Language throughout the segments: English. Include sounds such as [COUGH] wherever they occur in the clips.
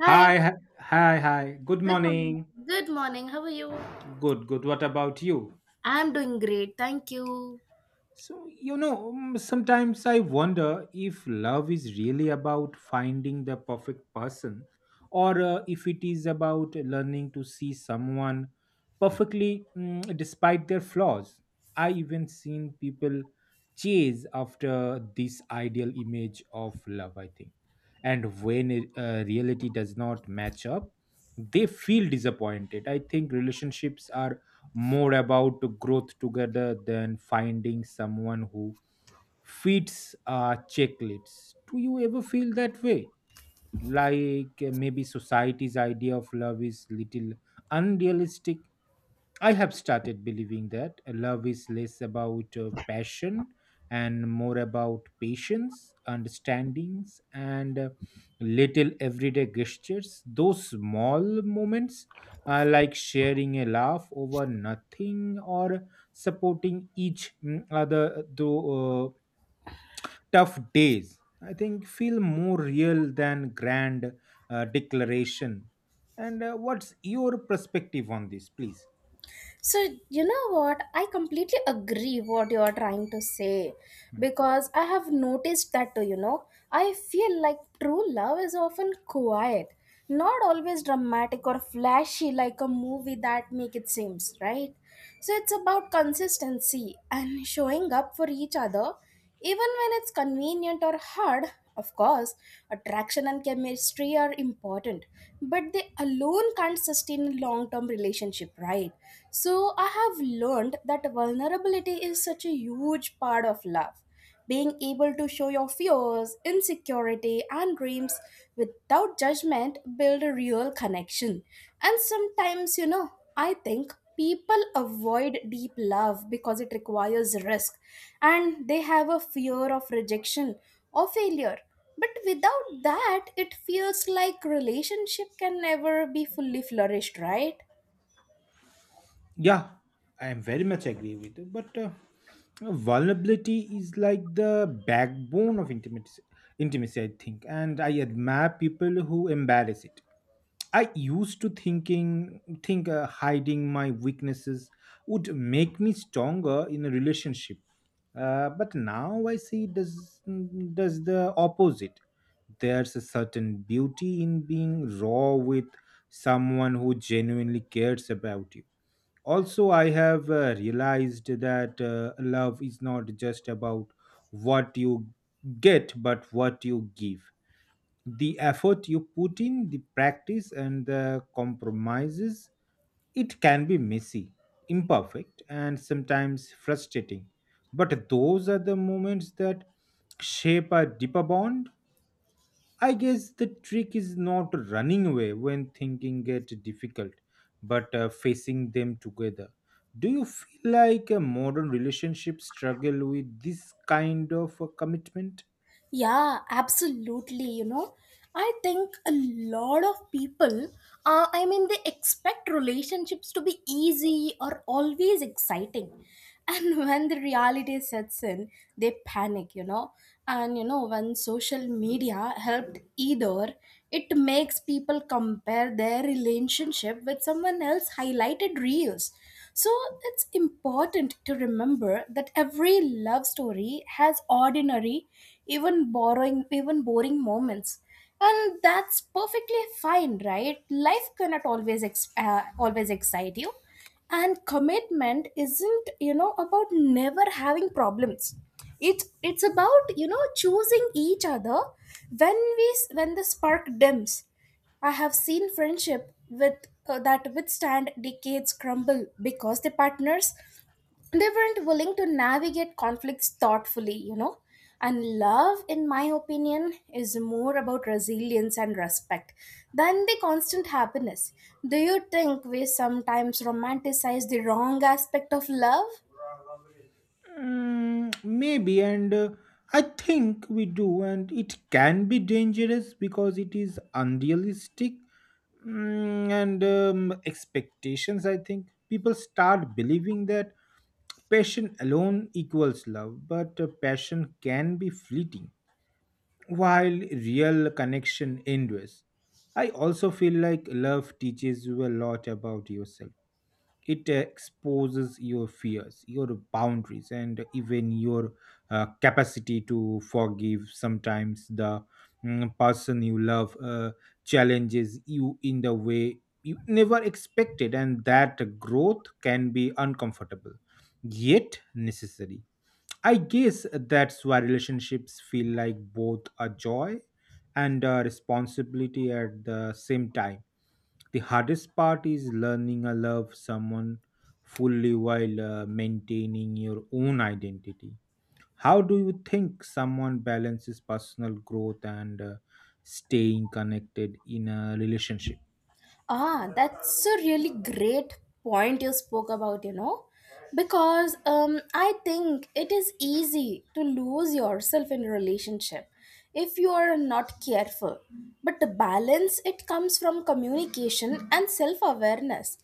Hi, Hi, hi, hi. Hi. Good good morning. morning. Good morning. How are you? Good, good. What about you? I'm doing great. Thank you. So, sometimes I wonder if love is really about finding the perfect person or if it is about learning to see someone perfectly despite their flaws. I even seen people chase after this ideal image of love, I think. And when reality does not match up, they feel disappointed. I think relationships are more about growth together than finding someone who fits our checklist. Do you ever feel that way? Like maybe society's idea of love is little unrealistic. I have started believing that love is less about passion and more about patience, understandings, and little everyday gestures. Those small moments, like sharing a laugh over nothing or supporting each other though tough days, I think, feel more real than grand declaration. And what's your perspective on this, please? So, you know what? I completely agree what you are trying to say because I have noticed that too. I feel like true love is often quiet, not always dramatic or flashy like a movie that make it seems, right? So it's about consistency and showing up for each other, even when it's convenient or hard. Of course, attraction and chemistry are important, but they alone can't sustain a long term relationship, right? So I have learned that vulnerability is such a huge part of love. Being able to show your fears, insecurity, and dreams without judgment build a real connection. And sometimes, I think people avoid deep love because it requires risk and they have a fear of rejection or failure. But without that, it feels like relationship can never be fully flourished, right? Yeah, I am very much agree with you. But vulnerability is like the backbone of intimacy. Intimacy, I think, and I admire people who embarrass it. I used to think hiding my weaknesses would make me stronger in a relationship, but now I see it does the opposite. There's a certain beauty in being raw with someone who genuinely cares about you. Also, I have realized that love is not just about what you get but what you give, the effort you put in the practice and the compromises. It can be messy, imperfect, and sometimes frustrating, but those are the moments that shape a deeper bond. I guess the trick is not running away when thinking get difficult, but facing them together. Do you feel like a modern relationship struggle with this kind of a commitment? Yeah, absolutely. You know, I think a lot of people, I mean, they expect relationships to be easy or always exciting. And [LAUGHS] when the reality sets in, they panic. And when social media helped either, it makes people compare their relationship with someone else's highlighted reels. So it's important to remember that every love story has ordinary, even boring moments, and that's perfectly fine, right? Life cannot always always excite you, and commitment isn't about never having problems. It's about choosing each other when we when the spark dims. I have seen friendship with that withstand decades crumble because the partners they weren't willing to navigate conflicts thoughtfully. And love, in my opinion, is more about resilience and respect than the constant happiness. Do you think we sometimes romanticize the wrong aspect of love? Mm, maybe, and I think we do, and it can be dangerous because it is unrealistic mm, and expectations. I think people start believing that passion alone equals love, but passion can be fleeting while real connection endures. I also feel like love teaches you a lot about yourself. It exposes your fears, your boundaries, and even your capacity to forgive. Sometimes the person you love challenges you in the way you never expected, and that growth can be uncomfortable yet necessary. I guess that's why relationships feel like both a joy and a responsibility at the same time. The hardest part is learning to love someone fully while maintaining your own identity. How do you think someone balances personal growth and staying connected in a relationship? Ah, that's a really great point you spoke about, because I think it is easy to lose yourself in a relationship if you are not careful. But the balance, it comes from communication and self awareness.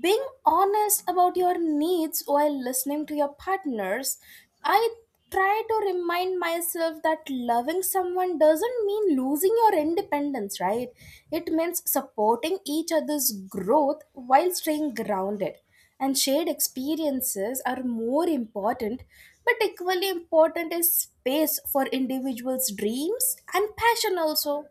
Being honest about your needs while listening to your partners, I try to remind myself that loving someone doesn't mean losing your independence, right? It means supporting each other's growth while staying grounded. And shared experiences are more important, but equally important is space for individuals' dreams and passion also.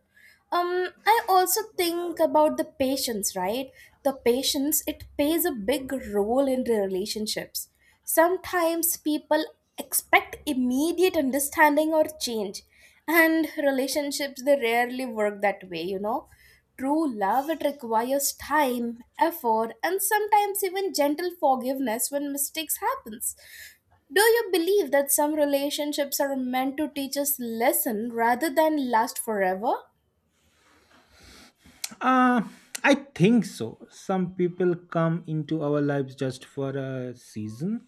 um I also think about the patience, right? The patience, it plays a big role in the relationships. Sometimes people expect immediate understanding or change, and relationships they rarely work that way. True love, it requires time, effort, and sometimes even gentle forgiveness when mistakes happens. Do you believe that some relationships are meant to teach us lesson rather than last forever? Uh, I think so. Some people come into our lives just for a season,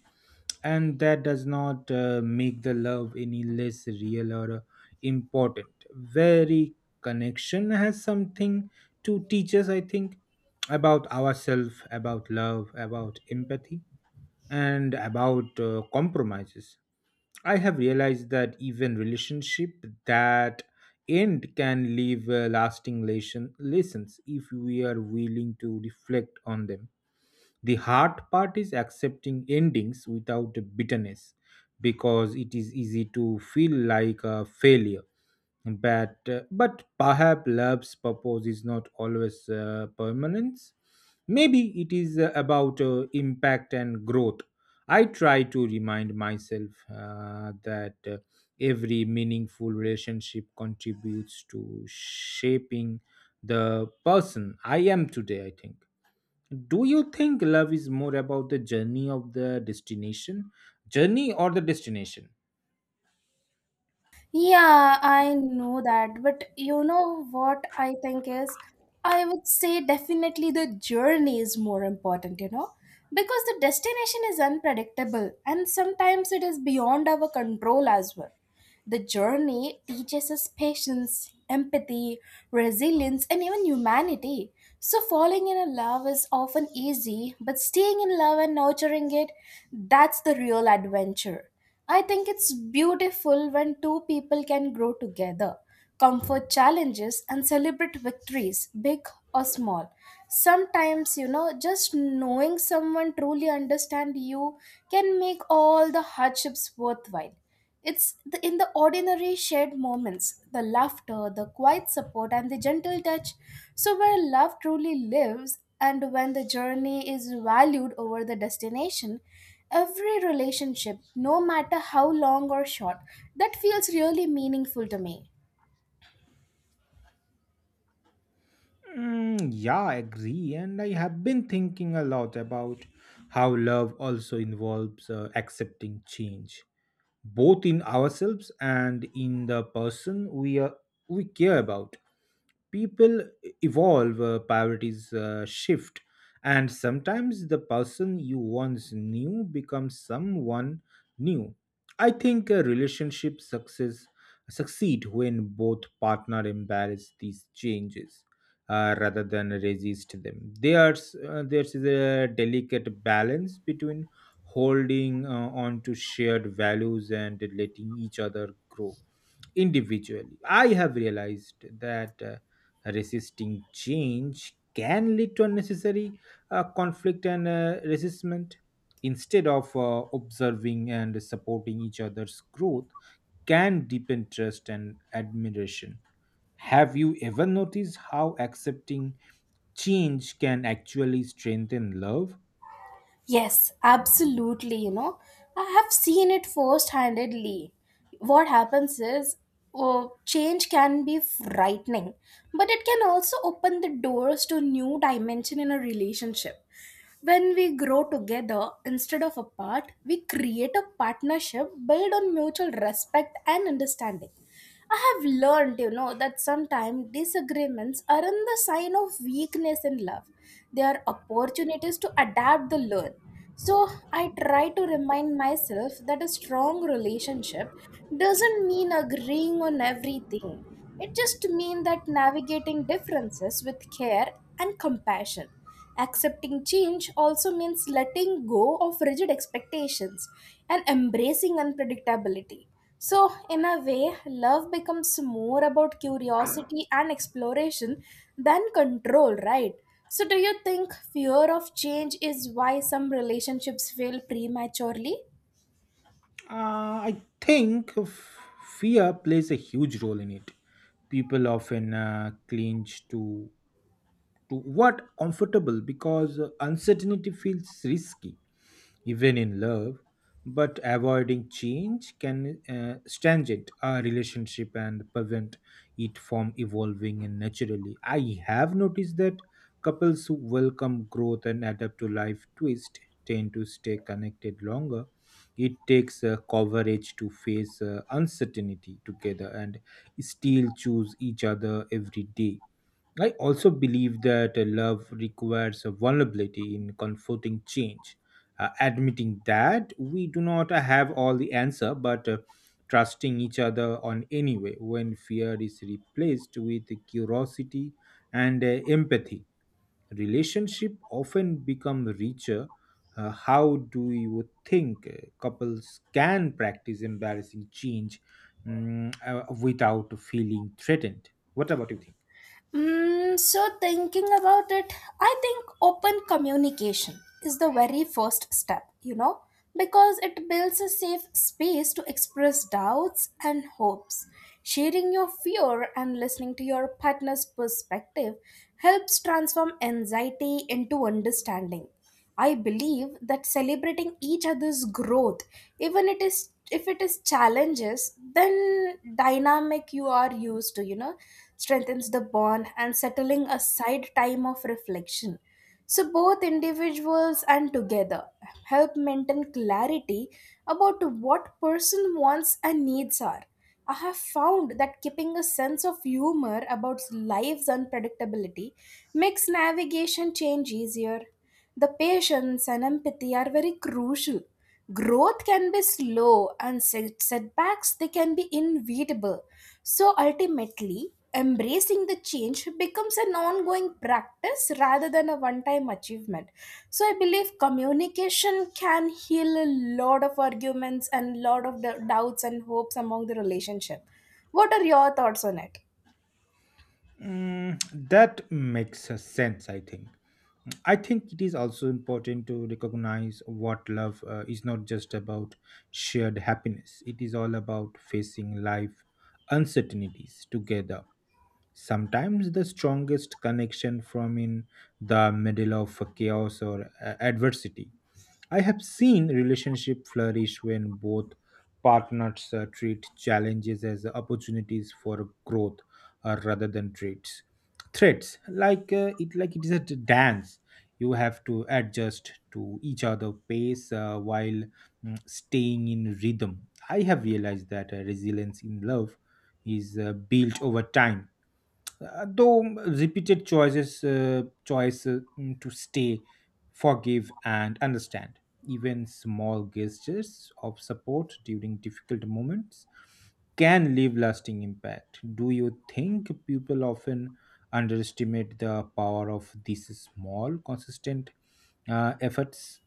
and that does not make the love any less real or important. Very connection has something to teach us, I think, about ourselves, about love, about empathy, and about compromises. I have realized that even relationship that end can leave lasting lessons if we are willing to reflect on them. The hard part is accepting endings without bitterness because it is easy to feel like a failure. But perhaps love's purpose is not always permanence. Maybe it is about impact and growth. I try to remind myself that every meaningful relationship contributes to shaping the person I am today, I think. Do you think love is more about the journey of the destination? Journey or the destination? Yeah, I know that. But you know what I think is? I would say definitely the journey is more important, you know? Because the destination is unpredictable and sometimes it is beyond our control as well. The journey teaches us patience, empathy, resilience, and even humanity. So, falling in a love is often easy, but staying in love and nurturing it, that's the real adventure. I think it's beautiful when two people can grow together, comfort challenges, and celebrate victories, big or small. Sometimes, just knowing someone truly understand you can make all the hardships worthwhile. In the ordinary shared moments, the laughter, the quiet support, and the gentle touch. So, where love truly lives, and when the journey is valued over the destination, every relationship, no matter how long or short, that feels really meaningful to me. Mm, yeah, I agree. And I have been thinking a lot about how love also involves accepting change, both in ourselves and in the person we care about. People evolve, priorities shift, and sometimes the person you once knew becomes someone new. I think a relationship success succeed when both partner embrace these changes rather than resist them. There's a delicate balance between holding on to shared values and letting each other grow individually. I have realized that resisting change can lead to unnecessary conflict and resistment. Instead of observing and supporting each other's growth, can deepen trust and admiration. Have you ever noticed how accepting change can actually strengthen love? Yes, absolutely. I have seen it first handedly. What happens is, oh, change can be frightening, but it can also open the doors to new dimension in a relationship. When we grow together instead of apart, we create a partnership built on mutual respect and understanding. I have learned, that sometimes disagreements aren't the sign of weakness in love. They are opportunities to adapt the learn. So I try to remind myself that a strong relationship doesn't mean agreeing on everything. It just means that navigating differences with care and compassion. Accepting change also means letting go of rigid expectations and embracing unpredictability. So, in a way, love becomes more about curiosity and exploration than control, right? So, do you think fear of change is why some relationships fail prematurely? I think fear plays a huge role in it. People often cling to what comfortable because uncertainty feels risky even in love, but avoiding change can strengthen a relationship and prevent it from evolving. And naturally, I have noticed that couples who welcome growth and adapt to life twist tend to stay connected longer. It takes coverage to face uncertainty together and still choose each other every day. I also believe that love requires a vulnerability in confronting change, admitting that we do not have all the answer, but trusting each other on anyway. When fear is replaced with curiosity and empathy, relationship often become richer. How do you think couples can practice embarrassing change without feeling threatened? What about you? So, thinking about it, I think open communication is the very first step, because it builds a safe space to express doubts and hopes. Sharing your fear and listening to your partner's perspective helps transform anxiety into understanding. I believe that celebrating each other's growth, even it is if it is challenges, then dynamic you are used to, strengthens the bond and settling aside time of reflection. So both individuals and together help maintain clarity about what person wants and needs are. I have found that keeping a sense of humor about life's unpredictability makes navigation change easier. The patience and empathy are very crucial. Growth can be slow and setbacks they can be inevitable. So ultimately, embracing the change becomes an ongoing practice rather than a one-time achievement. So I believe communication can heal a lot of arguments and lot of the doubts and hopes among the relationship. What are your thoughts on it? Mm, that makes a sense, I think. I think it is also important to recognize what love is not just about shared happiness. It is all about facing life uncertainties together. Sometimes the strongest connection from in the middle of chaos or adversity. I have seen relationship flourish when both partners treat challenges as opportunities for growth rather than treats. Threats like it, like it is a dance. You have to adjust to each other pace while staying in rhythm. I have realized that resilience in love is built over time, though repeated choice to stay, forgive, and understand. Even small gestures of support during difficult moments can leave lasting impact. Do you think people often underestimate the power of these small consistent efforts?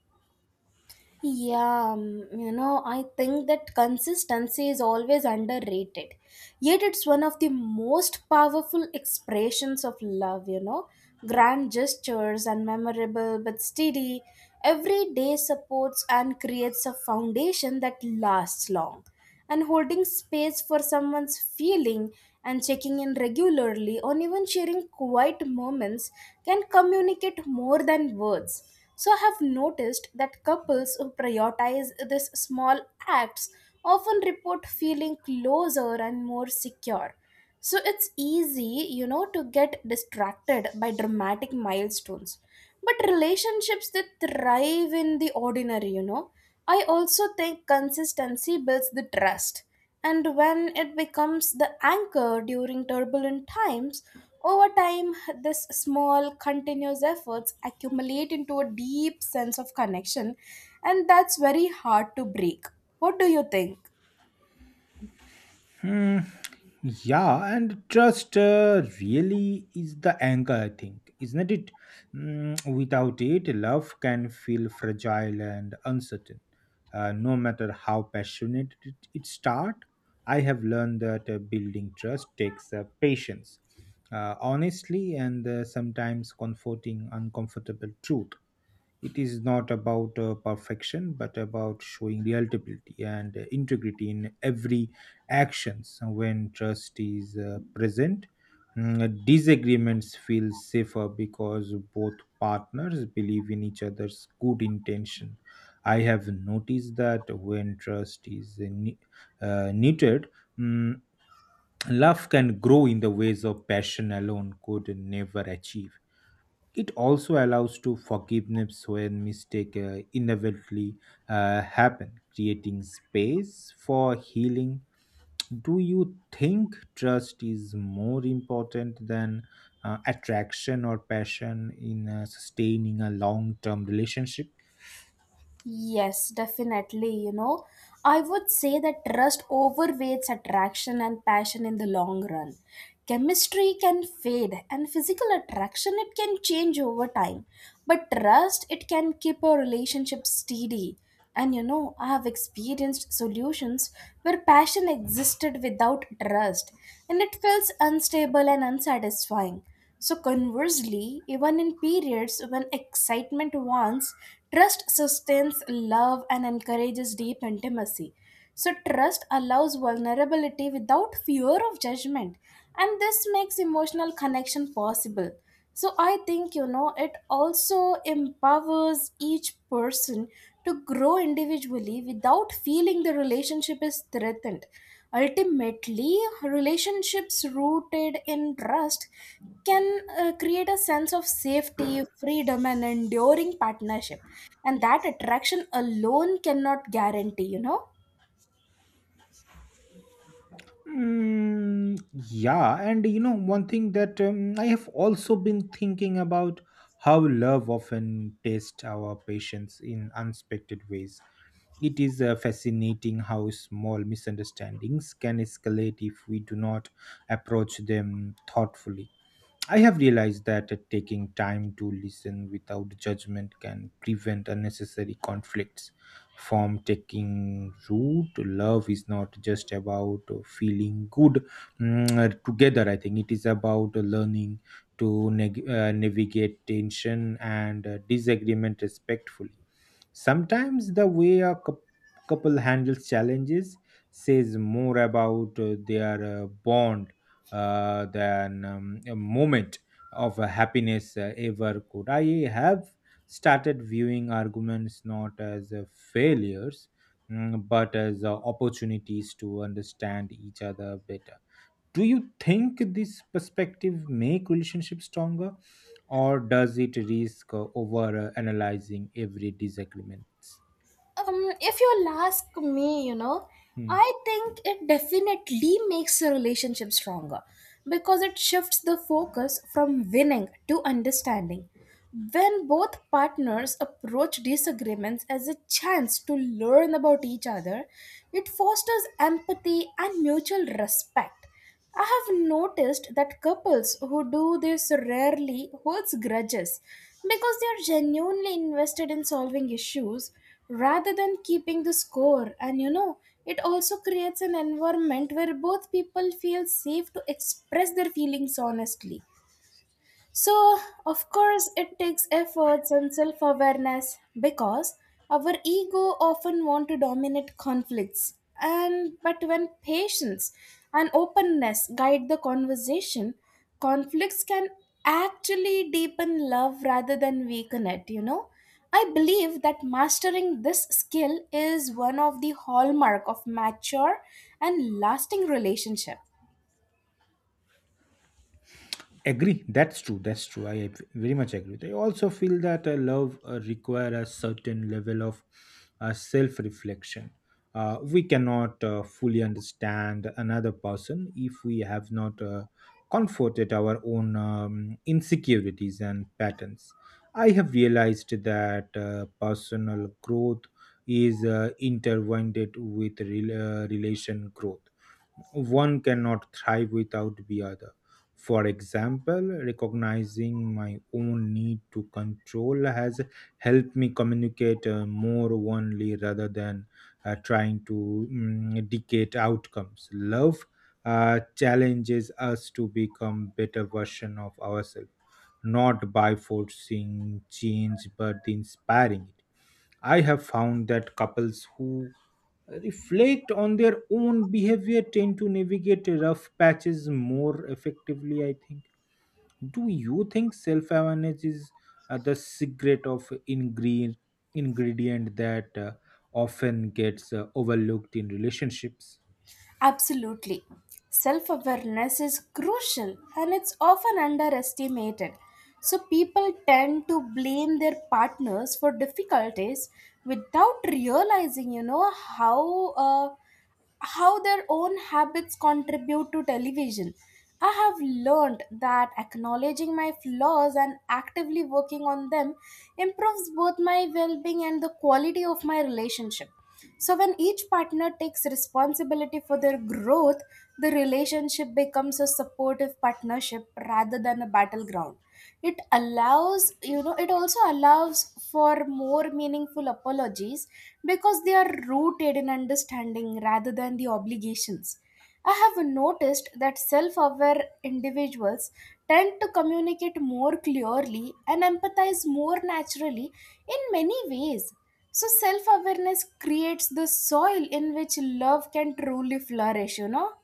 Yeah, I think that consistency is always underrated. Yet it's one of the most powerful expressions of love. Grand gestures and memorable but steady, everyday supports and creates a foundation that lasts long, and holding space for someone's feeling and checking in regularly or even sharing quiet moments can communicate more than words. So I have noticed that couples who prioritize these small acts often report feeling closer and more secure. So it's easy, to get distracted by dramatic milestones. But relationships that thrive in the ordinary, I also think consistency builds the trust. And when it becomes the anchor during turbulent times, over time, this small, continuous efforts accumulate into a deep sense of connection, and that's very hard to break. What do you think? Hmm. Yeah, and trust really is the anchor, I think, isn't it? Without it, love can feel fragile and uncertain, no matter how passionate it starts. I have learned that building trust takes patience, honestly, and sometimes comforting uncomfortable truth. It is not about perfection, but about showing reliability and integrity in every actions. When trust is present, disagreements feel safer because both partners believe in each other's good intention. I have noticed that when trust is needed, mm, love can grow in the ways of passion alone could never achieve. It also allows to forgiveness when mistake inevitably happen, creating space for healing. Do you think trust is more important than attraction or passion in sustaining a long term relationship? Yes, definitely. I would say that trust overweights attraction and passion in the long run. Chemistry can fade and physical attraction it can change over time. But trust it can keep a relationship steady. And I have experienced solutions where passion existed without trust and it feels unstable and unsatisfying. So, conversely, even in periods when excitement wants, trust sustains love and encourages deep intimacy. So, trust allows vulnerability without fear of judgment, and this makes emotional connection possible. So I think, it also empowers each person to grow individually without feeling the relationship is threatened. Ultimately, relationships rooted in trust can create a sense of safety, freedom, and enduring partnership. And that attraction alone cannot guarantee. Mm, yeah, and one thing that I have also been thinking about how love often tests our patience in unexpected ways. It is fascinating how small misunderstandings can escalate if we do not approach them thoughtfully. I have realized that taking time to listen without judgment can prevent unnecessary conflicts from taking root. Love is not just about feeling good together. I think it is about learning to navigate tension and disagreement respectfully. Sometimes the way a couple handles challenges says more about their bond than a moment of happiness ever could. I have started viewing arguments not as failures, but as opportunities to understand each other better. Do you think this perspective make relationship stronger, or does it risk over analyzing every disagreement? If you'll ask me, Hmm. I think it definitely makes a relationship stronger because it shifts the focus from winning to understanding. When both partners approach disagreements as a chance to learn about each other, it fosters empathy and mutual respect. I have noticed that couples who do this rarely holds grudges because they are genuinely invested in solving issues rather than keeping the score. And it also creates an environment where both people feel safe to express their feelings honestly. So, of course, it takes efforts and self awareness because our ego often want to dominate conflicts. And but when patience and openness guide the conversation, conflicts can actually deepen love rather than weaken it. I believe that mastering this skill is one of the hallmark of mature and lasting relationship. Agree, that's true, that's true. I very much agree with you. I also feel that love require a certain level of self-reflection. We cannot fully understand another person if we have not comforted our own insecurities and patterns. I have realized that personal growth is intertwined with relation growth. One cannot thrive without the other. For example, recognizing my own need to control has helped me communicate more openly rather than trying to dictate outcomes. Love challenges us to become better version of ourselves, not by forcing change but inspiring it. I have found that couples who reflect on their own behavior tend to navigate rough patches more effectively, I think. Do you think self awareness is the secret of ingredient that often gets overlooked in relationships? Absolutely. Self awareness is crucial and it's often underestimated. So, people tend to blame their partners for difficulties without realizing how. How their own habits contribute to television. I have learned that acknowledging my flaws and actively working on them improves both my well being and the quality of my relationship. So, when each partner takes responsibility for their growth, the relationship becomes a supportive partnership rather than a battleground. It also allows for more meaningful apologies because they are rooted in understanding rather than the obligations. I have noticed that self aware individuals tend to communicate more clearly and empathize more naturally in many ways. So self awareness creates the soil in which love can truly flourish, you know?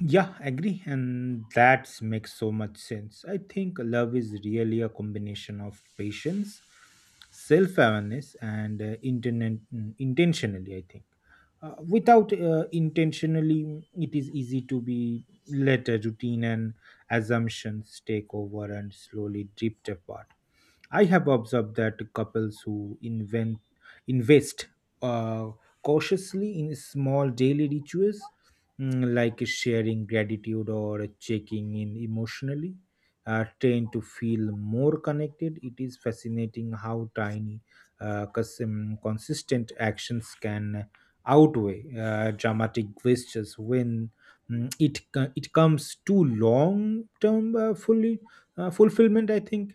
Yeah, agree. And that makes so much sense. I think love is really a combination of patience, self-awareness, and internet, intentionally, I think. Without intentionally, it is easy to be let a routine and assumptions take over and slowly drift apart. I have observed that couples who invent invest uh, cautiously in small daily rituals, like sharing gratitude or checking in emotionally, trained to feel more connected. It is fascinating how tiny, consistent actions can outweigh dramatic gestures when it comes to long term fully fulfillment, I think.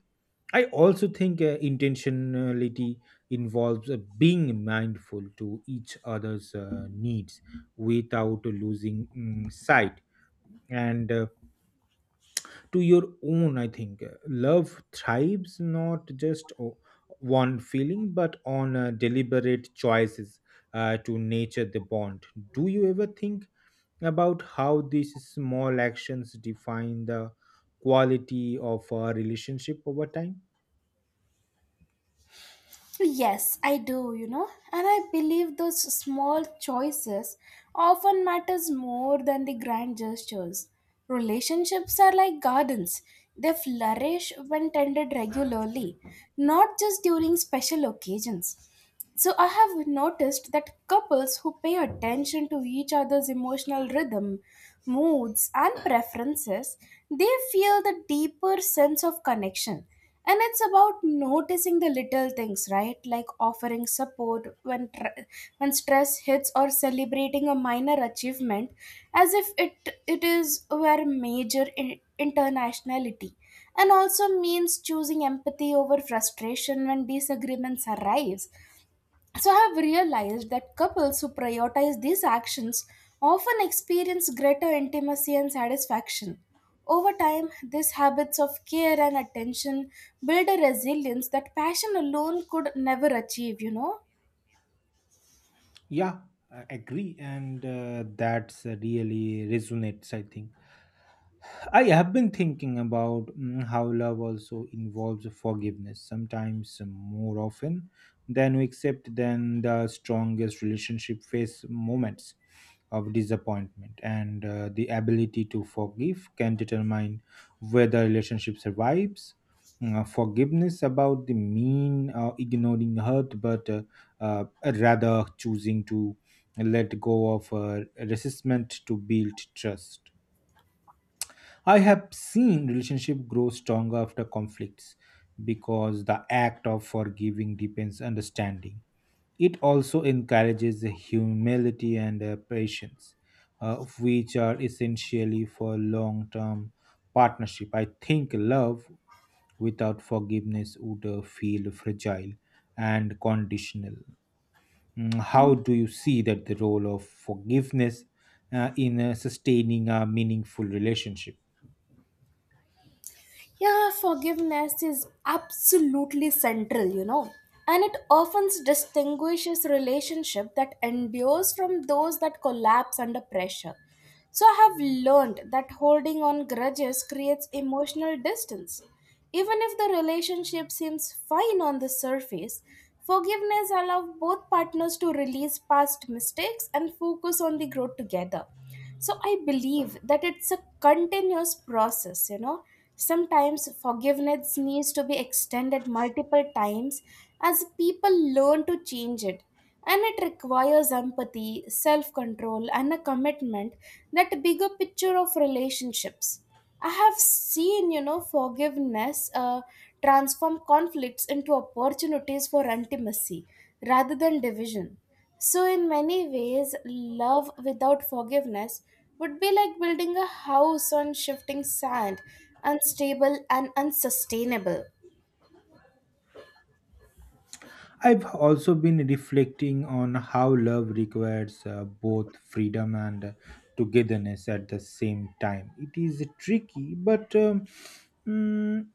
I also think intentionality involves being mindful to each other's needs without losing sight and to your own. I think love thrives not just o- one feeling but on deliberate choices to nature the bond. Do you ever think about how these small actions define the quality of a relationship over time? Yes, I do, you know? And I believe those small choices often matters more than the grand gestures. Relationships are like gardens. They flourish when tended regularly, not just during special occasions. So I have noticed that couples who pay attention to each other's emotional rhythm, moods, and preferences, they feel the deeper sense of connection. And it's about noticing the little things, right? Like offering support when when stress hits, or celebrating a minor achievement as if it it is were major internationality. And also means choosing empathy over frustration when disagreements arise, so I have realized that couples who prioritize these actions often experience greater intimacy and satisfaction. Over time, these habits of care and attention build a resilience that passion alone could never achieve, you know? Yeah, I agree, and that's really resonates, I think. I have been thinking about how love also involves forgiveness, sometimes more often than we accept, then the strongest relationship face moments of disappointment. And the ability to forgive can determine whether relationship survives. Forgiveness about the mean ignoring hurt, but uh, rather choosing to let go of resistment to build trust. I have seen relationship grow stronger after conflicts because the act of forgiving deepens understanding. It also encourages humility and patience, which are essentially for long-term partnership. I think love without forgiveness would feel fragile and conditional. How do you see that the role of forgiveness in sustaining a meaningful relationship? Yeah, forgiveness is absolutely central, you know, and it often distinguishes relationship that endures from those that collapse under pressure. So I have learned that holding on grudges creates emotional distance. Even if the relationship seems fine on the surface, forgiveness allows both partners to release past mistakes and focus on the growth together. So I believe that it's a continuous process, you know. Sometimes forgiveness needs to be extended multiple times as people learn to change it, and it requires empathy, self control, and a commitment that bigger picture of relationships. I have seen, you know, forgiveness transform conflicts into opportunities for intimacy rather than division. So, in many ways, love without forgiveness would be like building a house on shifting sand, unstable and unsustainable. I've also been reflecting on how love requires both freedom and togetherness at the same time. It is tricky, but mm,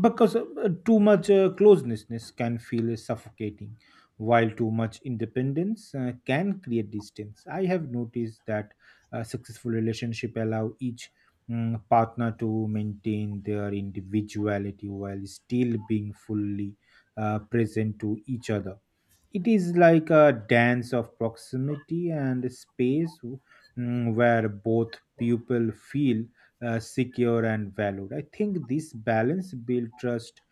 because too much closeness can feel suffocating, while too much independence can create distance. I have noticed that successful relationship allow each partner to maintain their individuality while still being fully present to each other. It is like a dance of proximity and space, where both people feel secure and valued. I think this balance builds trust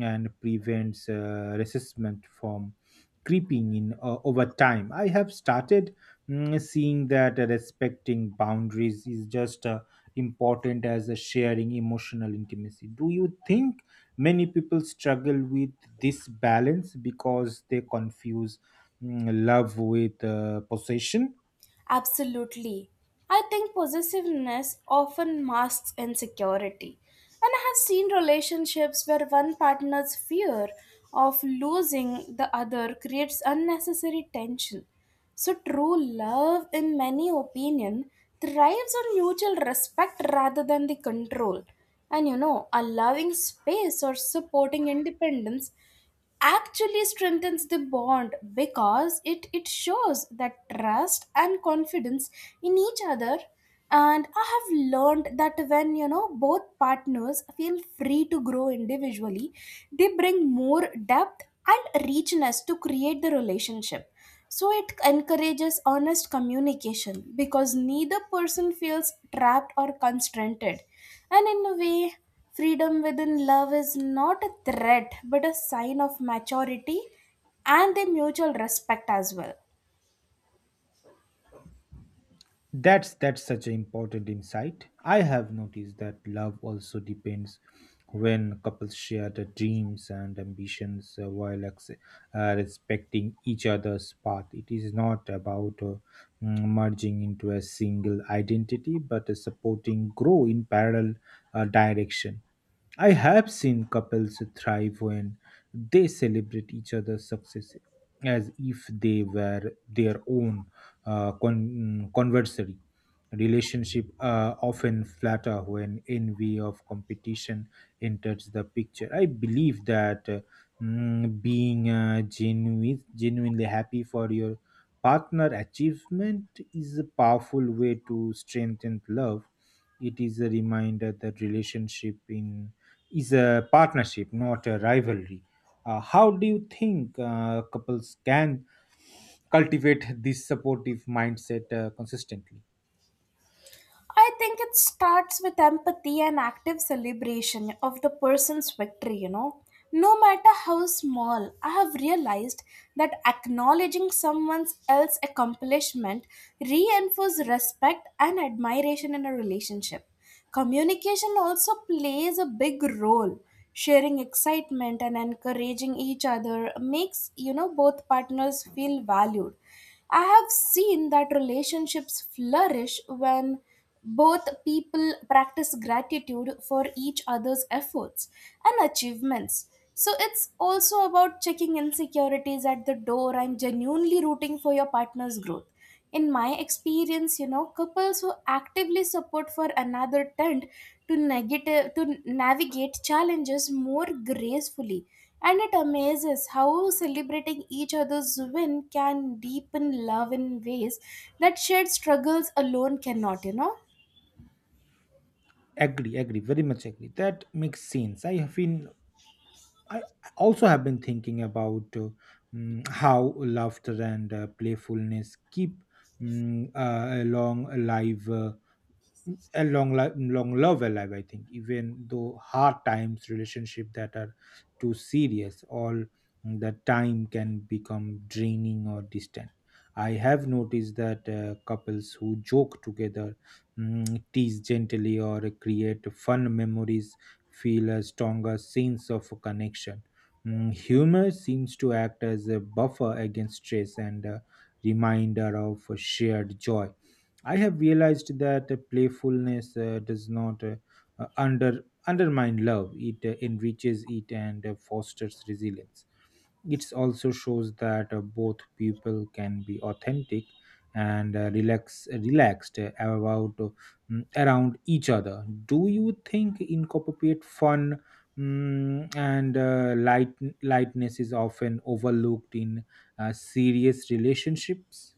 and prevents resentment from creeping in over time. I have started seeing that respecting boundaries is just important as a sharing emotional intimacy. Do you think many people struggle with this balance because they confuse love with possession? Absolutely. I think possessiveness often masks insecurity. And I have seen relationships where one partner's fear of losing the other creates unnecessary tension. So true love in many opinion thrives on mutual respect rather than the control. And you know, allowing space or supporting independence actually strengthens the bond, because it shows that trust and confidence in each other. And I have learned that, when you know, both partners feel free to grow individually, they bring more depth and richness to create the relationship. So it encourages honest communication because neither person feels trapped or constrained. And in a way, freedom within love is not a threat but a sign of maturity and the mutual respect as well. That's such an important insight. I have noticed that love also depends when couples share the dreams and ambitions while respecting each other's path. It is not about merging into a single identity, but supporting grow in parallel direction. I have seen couples thrive when they celebrate each other's success as if they were their own conversary. Relationship often flatter when envy of competition enters the picture. I believe that being genuinely happy for your partner achievement is a powerful way to strengthen love. It is a reminder that relationship in is a partnership, not a rivalry. How do you think couples can cultivate this supportive mindset consistently? I think it starts with empathy and active celebration of the person's victory, you know. No matter how small, I have realized that acknowledging someone else's accomplishment reinforces respect and admiration in a relationship. Communication also plays a big role. Sharing excitement and encouraging each other makes, you know, both partners feel valued. I have seen that relationships flourish when both people practice gratitude for each other's efforts and achievements. So it's also about checking insecurities at the door and genuinely rooting for your partner's growth. In my experience, you know, couples who actively support for another tend to negative to navigate challenges more gracefully, and it amazes how celebrating each other's win can deepen love in ways that shared struggles alone cannot. Agree, agree, very much agree. That makes sense. I also have been thinking about how laughter and playfulness keep mm, a long alive. A long life long love alive, I think. Even though hard times, relationship that are too serious all the time can become draining or distant. I have noticed that couples who joke together, tease gently or create fun memories feel a stronger sense of connection. Humor seems to act as a buffer against stress and a reminder of shared joy. I have realized that playfulness does not undermine love. It enriches it and fosters resilience. It also shows that both people can be authentic and relaxed around each other. Do you think incorporate fun, and lightness is often overlooked in serious relationships?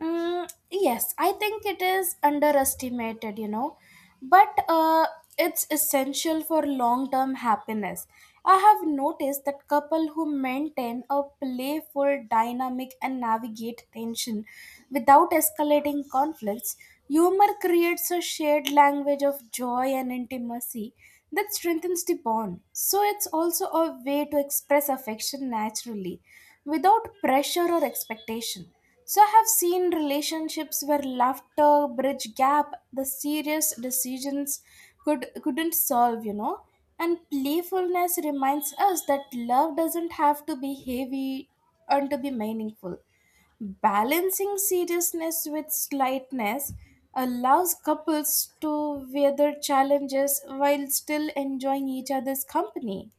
Mm, yes, I think it is underestimated, you know, but it's essential for long term happiness. I have noticed that couple who maintain a playful dynamic and navigate tension without escalating conflicts, humor creates a shared language of joy and intimacy that strengthens the bond. So it's also a way to express affection naturally without pressure or expectation. So I have seen relationships where laughter bridge gap the serious decisions couldn't solve, you know. And playfulness reminds us that love doesn't have to be heavy and to be meaningful. Balancing seriousness with slightness allows couples to weather challenges while still enjoying each other's company.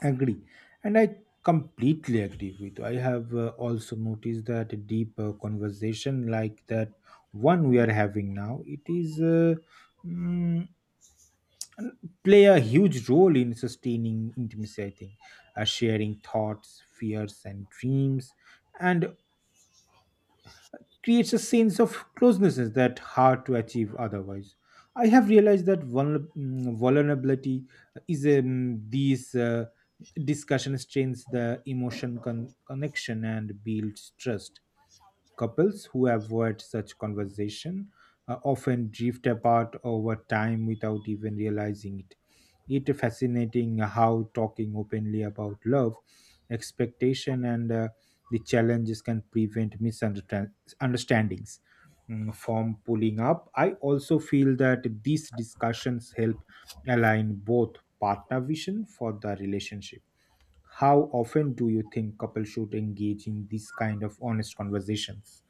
Agree. And I completely agree with you. I have also noticed that a deep conversation like that one we are having now, it is mm, n- play a huge role in sustaining intimacy, I think. Sharing thoughts, fears and dreams and creates a sense of closeness that hard to achieve otherwise. I have realized that vulnerability is these discussion strains the emotion connection and builds trust. Couples who avoid such conversation often drift apart over time without even realizing it. It fascinating how talking openly about love, expectation, and the challenges can prevent misunderstandings from pulling up. I also feel that these discussions help align both partner vision for the relationship. How often do you think couples should engage in these kind of honest conversations?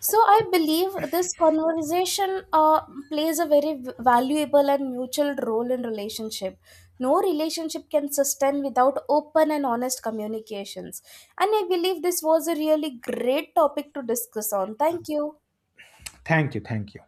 So I believe this conversation plays a very valuable and mutual role in relationship. No relationship can sustain without open and honest communications. And I believe this was a really great topic to discuss on. Thank you. Thank you. Thank you.